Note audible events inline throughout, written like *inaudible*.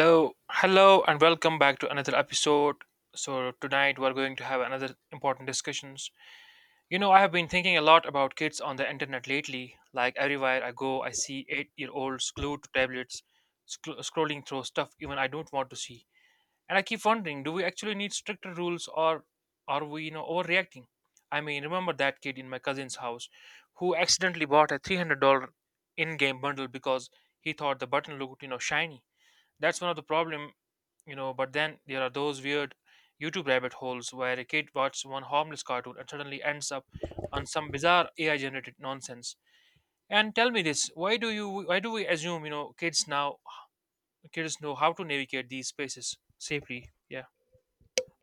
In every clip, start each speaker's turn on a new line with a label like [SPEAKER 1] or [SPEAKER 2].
[SPEAKER 1] So, Hello and welcome back to another episode. Tonight we're going to have another important discussions. I have been thinking a lot about kids on the internet lately. Like everywhere I go, I see 8-year-olds glued to tablets, scrolling through stuff even I don't want to see. And I keep wondering, do we actually need stricter rules or are we, overreacting? I mean, remember that kid in my cousin's house who accidentally bought a $300 in-game bundle because he thought the button looked, shiny. That's one of the problem. But then there are those weird YouTube rabbit holes where a kid watches one harmless cartoon and suddenly ends up on some bizarre ai generated nonsense. And tell me this, why do we assume, kids now, kids know how to navigate these spaces safely? Yeah,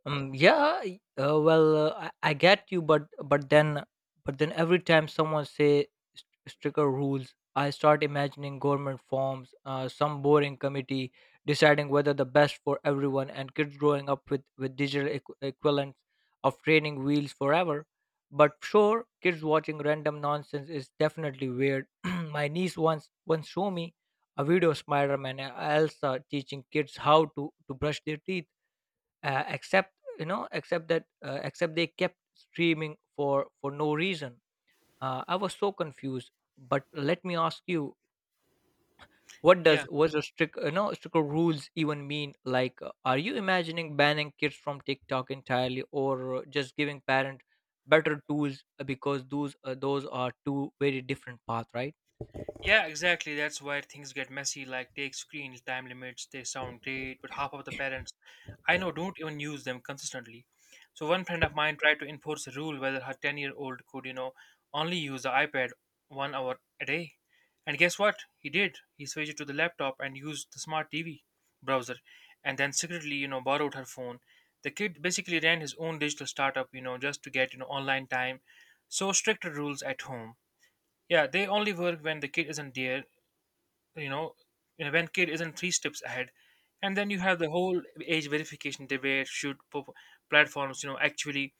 [SPEAKER 2] Yeah, I get you, but but then every time someone say stricter rules, I start imagining government forms, some boring committee deciding whether the best for everyone, and kids growing up with digital equivalents of training wheels forever. But sure, kids watching random nonsense is definitely weird. *clears throat* My niece once showed me a video of Spider-Man and Elsa teaching kids how to brush their teeth, except you know except that except they kept streaming for no reason. I was so confused. But let me ask you, what
[SPEAKER 1] yeah.
[SPEAKER 2] does was a strict you know strict rules even mean? Like, are you imagining banning kids from tiktok entirely, or just giving parent better tools? Because those are two very different paths, right?
[SPEAKER 1] Yeah, exactly. That's where things get messy. Like take screen time limits. They sound great, but half of the parents I know don't even use them consistently. So one friend of mine tried to enforce a rule whether her ten-year-old could, only use the iPad 1 hour a day. And guess what? He did. He switched to the laptop and used the smart TV browser, and then secretly, borrowed her phone. The kid basically ran his own digital startup, just to get online time. So stricter rules at home, yeah, they only work when the kid isn't there, you know, when kid isn't three steps ahead. And then you have the whole age verification debate. Platforms, actually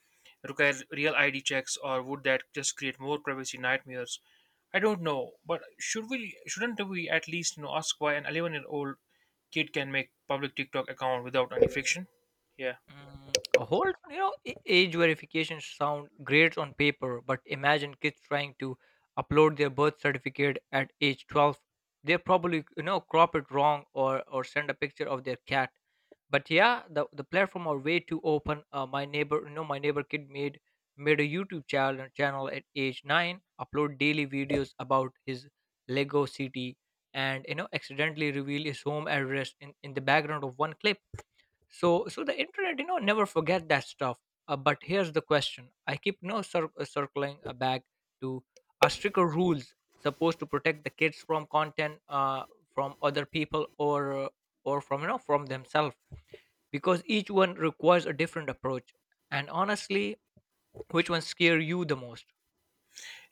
[SPEAKER 1] require real ID checks, or would that just create more privacy nightmares? I don't know, but shouldn't we at least, ask why an 11-year-old kid can make public TikTok account without any friction? Yeah.
[SPEAKER 2] Mm, a whole, you know, a- Age verification sound great on paper, but imagine kids trying to upload their birth certificate at age 12. They probably, you know, crop it wrong, or send a picture of their cat. But yeah, the platform are way too open. My neighbor kid made a YouTube channel at age 9, upload daily videos about his Lego city and, you know, accidentally reveal his home address in the background of one clip. So so the internet, you know, never forget that stuff. But here's the question I keep no cir- circling back to. Are stricter rules supposed to protect the kids from content, from other people, or from you know from themselves? Because each one requires a different approach. And honestly, which one scare you the most?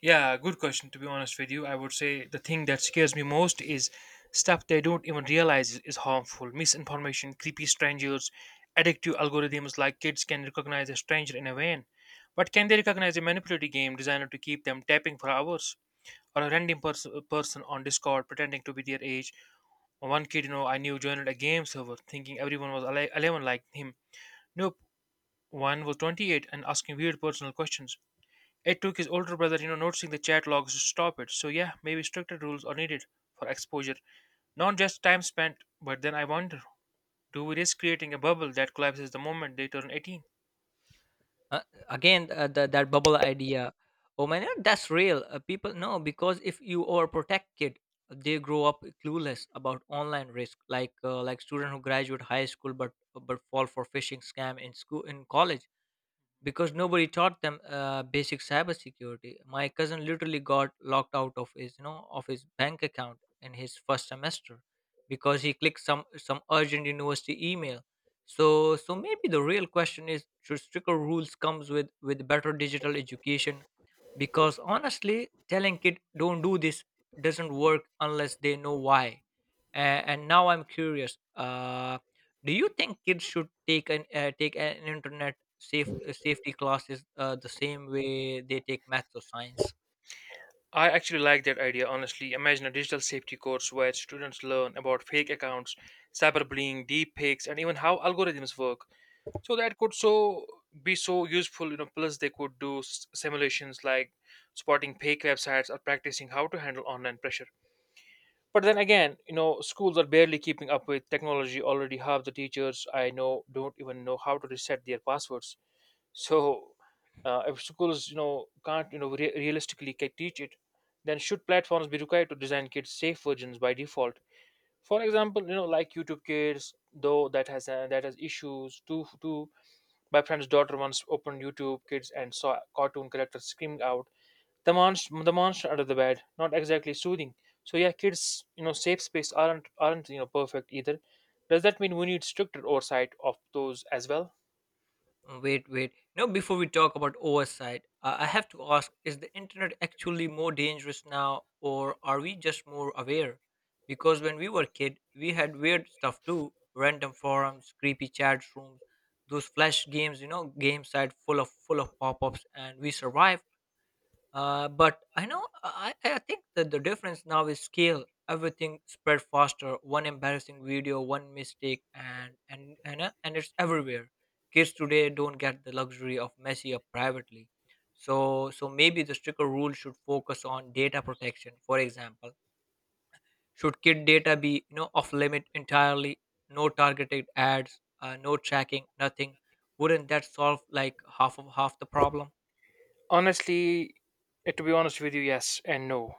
[SPEAKER 1] Yeah, good question. To be honest with you, I would say the thing that scares me most is stuff they don't even realize is harmful. Misinformation, creepy strangers, addictive algorithms, like kids can recognize a stranger in a van. But can they recognize a manipulative game designed to keep them tapping for hours? Or a random person on Discord pretending to be their age? Or one kid, I knew joined a game server thinking everyone was 11 like him. Nope, one was 28 and asking weird personal questions. It took his older brother, noticing the chat logs to stop it. So yeah, maybe stricter rules are needed for exposure, not just time spent. But then I wonder, do we risk creating a bubble that collapses the moment they turn 18?
[SPEAKER 2] Uh, that bubble idea. Oh man, yeah, that's real. People know, because if you are protected, they grow up clueless about online risk, like, like student who graduate high school but fall for phishing scam in school in college because nobody taught them basic cybersecurity. My cousin literally got locked out of his, you know, of his bank account in his first semester because he clicked some urgent university email. So so maybe the real question is should stricter rules comes with better digital education? Because honestly, telling kid don't do this doesn't work unless they know why. And now I'm curious. Do you think kids should take an internet safety classes the same way they take maths or science?
[SPEAKER 1] I actually like that idea, honestly. Imagine a digital safety course where students learn about fake accounts, cyberbullying, deep fakes, and even how algorithms work. So that could so be so useful, Plus, they could do simulations like spotting fake websites or practicing how to handle online pressure. But then again, schools are barely keeping up with technology already. Half the teachers I know don't even know how to reset their passwords. So if schools, can't, realistically teach it, then should platforms be required to design kids safe versions by default? For example, like YouTube Kids, though that has issues too. My friend's daughter once opened YouTube Kids and saw cartoon characters screaming out the monster under the bed, not exactly soothing. So yeah, kids, safe space aren't, perfect either. Does that mean we need stricter oversight of those as well?
[SPEAKER 2] Wait, wait. Now, before we talk about oversight, I have to ask, is the internet actually more dangerous now, or are we just more aware? Because when we were kid, we had weird stuff too, random forums, creepy chat rooms, those flash games, you know, game site full of pop ups, and we survived. But I know I think that the difference now is scale. Everything spread faster. One embarrassing video, one mistake, and it's everywhere. Kids today don't get the luxury of messy up privately. So so maybe the stricter rule should focus on data protection. For example, should kid data be, you know, off limit entirely? No targeted ads, no tracking, nothing. Wouldn't that solve like half of half the problem?
[SPEAKER 1] Honestly, to be honest with you, yes and no.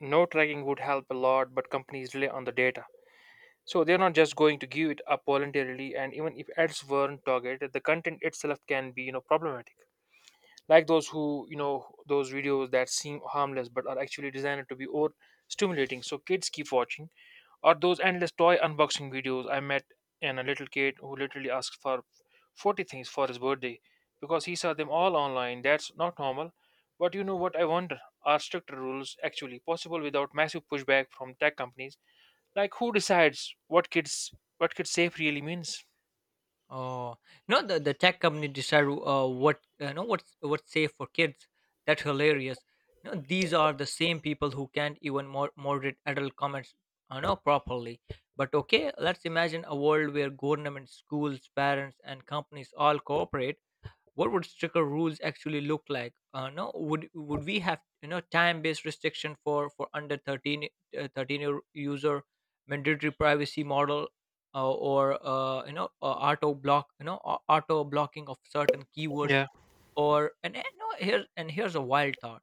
[SPEAKER 1] No tracking would help a lot, but companies rely on the data. So they're not just going to give it up voluntarily, and even if ads weren't targeted, the content itself can be, problematic. Like those who, those videos that seem harmless but are actually designed to be over stimulating. So kids keep watching. Or those endless toy unboxing videos I met and a little kid who literally asked for 40 things for his birthday because he saw them all online. That's not normal. But you know what I wonder? Are stricter rules actually possible without massive pushback from tech companies? Like who decides what kids safe really means?
[SPEAKER 2] Oh, no, the tech company decide what, you know, what's safe for kids. That's hilarious. No, these are the same people who can't even moderate adult comments, you know, properly. But okay, let's imagine a world where government, schools, parents, and companies all cooperate. What would stricter rules actually look like? No would Would we have, you know, time based restriction for under 13, 13-year user, mandatory privacy model, or you know auto block you know au- auto blocking of certain keywords,
[SPEAKER 1] Yeah.
[SPEAKER 2] or and no, here and here's a wild thought,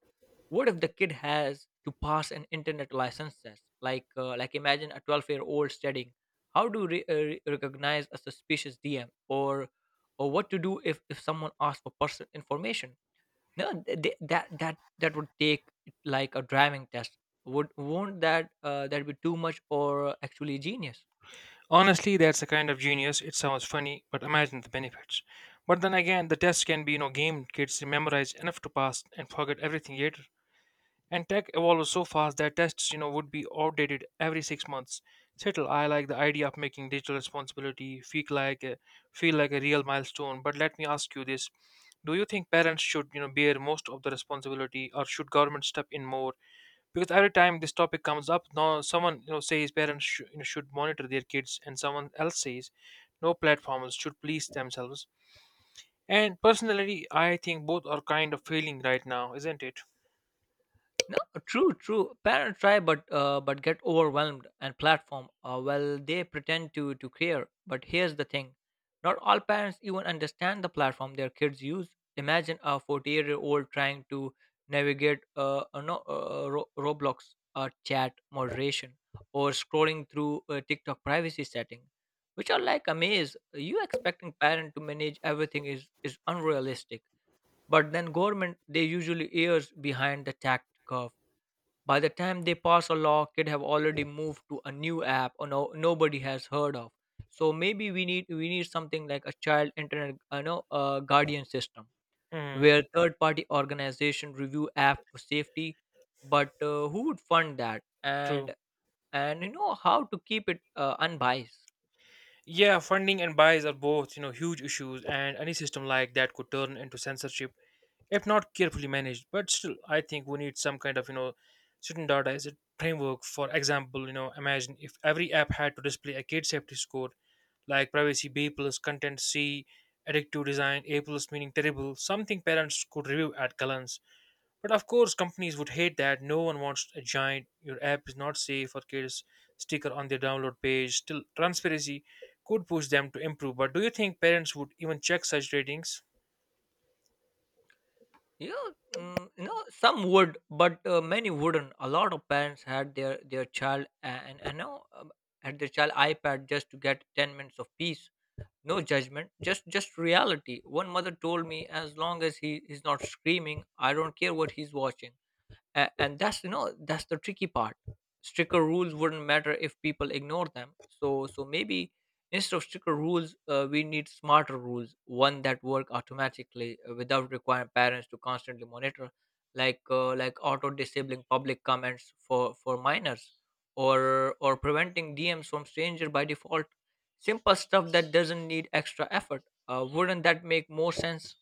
[SPEAKER 2] what if the kid has to pass an internet license test, like imagine a 12-year-old studying how to recognize a suspicious dm, or what to do if someone asks for personal information? No th- th- that that That would take like a driving test. Would Won't that, that be too much, or actually genius?
[SPEAKER 1] Honestly, that's the kind of genius. It sounds funny, but imagine the benefits. But then again, the tests can be, game kids memorize enough to pass and forget everything later. And tech evolves so fast that tests, would be outdated every 6 months. Settle, I like the idea of making digital responsibility feel like feel like a real milestone. But let me ask you this: Do you think parents should, bear most of the responsibility, or should government step in more? Because every time this topic comes up, no, someone says parents should monitor their kids, and someone else says no, platforms should police themselves. And personally, I think both are kind of failing right now, isn't it?
[SPEAKER 2] No, true, true. Parents try, but get overwhelmed, and platform. Well, they pretend to care, but here's the thing: not all parents even understand the platform their kids use. Imagine a 48-year-old trying to navigate no, Ro- Roblox chat moderation, or scrolling through TikTok privacy setting, which are like a maze. You expecting parent to manage everything is unrealistic. But then government, they usually ears behind the tact curve. By the time they pass a law, kid have already moved to a new app or, no, nobody has heard of. So maybe we need something like a child internet, you know, guardian system
[SPEAKER 1] Hmm.
[SPEAKER 2] where third party organization review app for safety. But who would fund that?
[SPEAKER 1] True.
[SPEAKER 2] And, you know, how to keep it unbiased.
[SPEAKER 1] Yeah, funding and bias are both, huge issues, and any system like that could turn into censorship if not carefully managed. But still, I think we need some kind of, standardized framework. For example, imagine if every app had to display a kid safety score like privacy B plus, content C, addictive design A plus meaning terrible, something parents could review at glance. But of course, companies would hate that. No one wants a giant, your app is not safe for kids sticker on their download page. Still, transparency could push them to improve. But do you think parents would even check such ratings?
[SPEAKER 2] Yeah, mm, you know, some would, but many wouldn't. A lot of parents had their child, and, you know, had their child iPad just to get 10 minutes of peace. No judgment, just reality. One mother told me, as long as he is not screaming, I don't care what he's watching. And that's, you know, that's the tricky part. Stricter rules wouldn't matter if people ignore them. So so maybe instead of stricter rules, we need smarter rules, one that work automatically, without requiring parents to constantly monitor. Like, like auto disabling public comments for minors, or preventing dms from stranger by default, simple stuff that doesn't need extra effort. Wouldn't that make more sense?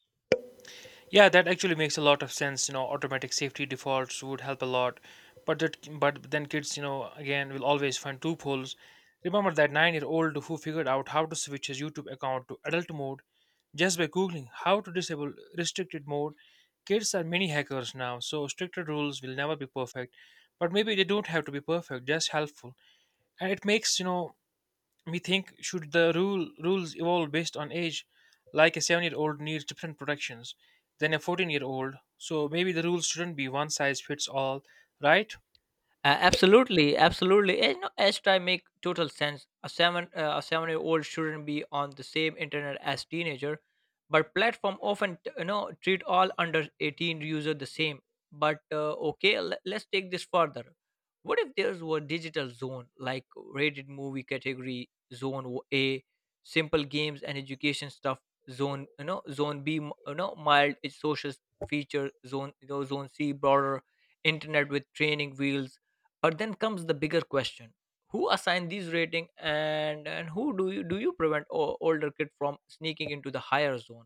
[SPEAKER 1] Yeah, that actually makes a lot of sense. You know, automatic safety defaults would help a lot, but but then kids, again will always find loopholes. Remember that nine-year-old who figured out how to switch his YouTube account to adult mode just by googling how to disable restricted mode. Kids are mini hackers now, so stricter rules will never be perfect, but maybe they don't have to be perfect, just helpful. And it makes we think, should the rules evolve based on age, like a seven-year-old needs different protections than a 14-year-old. So maybe the rules shouldn't be one size fits all, right?
[SPEAKER 2] Absolutely, absolutely. And, you know, as I make total sense, a 7 year old shouldn't be on the same internet as teenager, but platform often treat all under 18 user the same. But okay, let's take this further. What if there's a digital zone, like rated movie category zone, A, simple games and education stuff, zone, you know, zone B, you know, mild it's social feature, zone, you know, zone C, broader internet with training wheels. But then comes the bigger question: who assign these rating, and who do you prevent older kid from sneaking into the higher zone?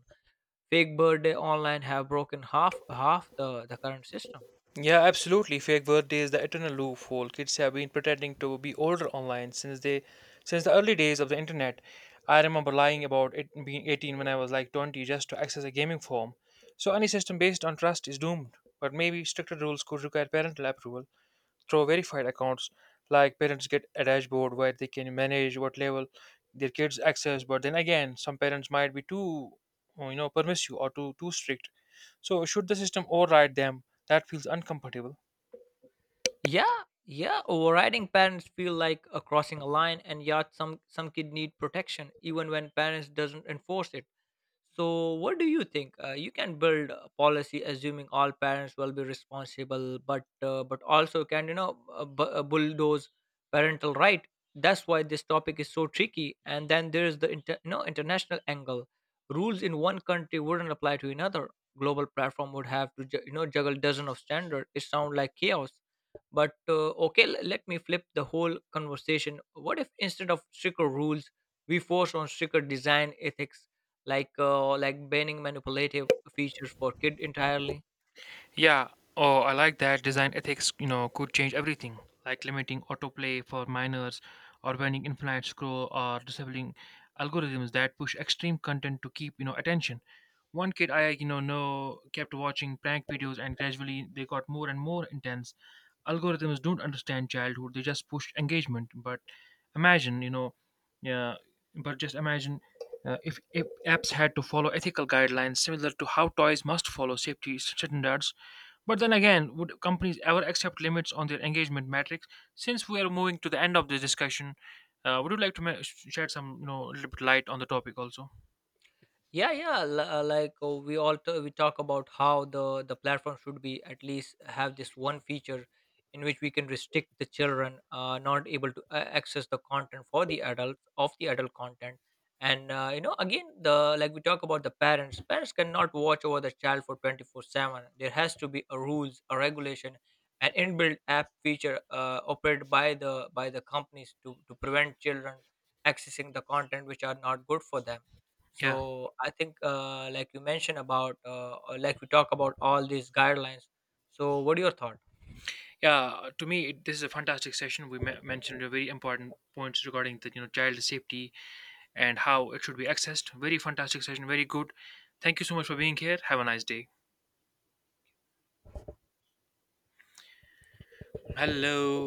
[SPEAKER 2] Fake birthday online have broken half the current system.
[SPEAKER 1] Yeah, absolutely. Fake birthday is the eternal loophole. Kids have been pretending to be older online since they since the early days of the internet. I remember lying about it being 18 when I was like 20 just to access a gaming form. So any system based on trust is doomed. But maybe stricter rules could require parental approval through verified accounts. Like parents get a dashboard where they can manage what level their kids access, but then again, some parents might be too, permissive or too strict. So should the system override them? That feels uncomfortable.
[SPEAKER 2] Yeah, yeah. Overriding parents feel like crossing a line, and yet some kid need protection even when parents doesn't enforce it. So, what do you think? You can build a policy assuming all parents will be responsible, but also can you know bu- bulldoze parental right? That's why this topic is so tricky. And then there is the international angle. Rules in one country wouldn't apply to another. Global platform would have to juggle dozen of standards. It sounds like chaos. But okay, let me flip the whole conversation. What if instead of stricter rules, we force on stricter design ethics? Like, like banning manipulative features for kid entirely.
[SPEAKER 1] Yeah. Oh, I like that. Design ethics, could change everything, like limiting autoplay for minors or banning infinite scroll or disabling algorithms that push extreme content to keep, attention. One kid I, know kept watching prank videos and gradually they got more and more intense. Algorithms don't understand childhood. They just push engagement. But imagine, yeah, but just imagine if apps had to follow ethical guidelines similar to how toys must follow safety standards, but then again, would companies ever accept limits on their engagement metrics? Since we are moving to the end of this discussion, would you like to shed some, a little bit light on the topic also?
[SPEAKER 2] Yeah, we we talk about how the platform should be at least have this one feature in which we can restrict the children, not able to access the content for the adults of the adult content. And you know again the like we talk about the parents, cannot watch over the child for 24/7. There has to be a rules, a regulation, an inbuilt app feature, operated by the companies to prevent children accessing the content which are not good for them.
[SPEAKER 1] Yeah,
[SPEAKER 2] So I think, like we talk about all these guidelines. So what are your thoughts?
[SPEAKER 1] yeah. To me, this is a fantastic session. We mentioned a very important points regarding the, child safety and how it should be accessed. Very fantastic session. Very good. Thank you so much for being here. Have a nice day. Hello.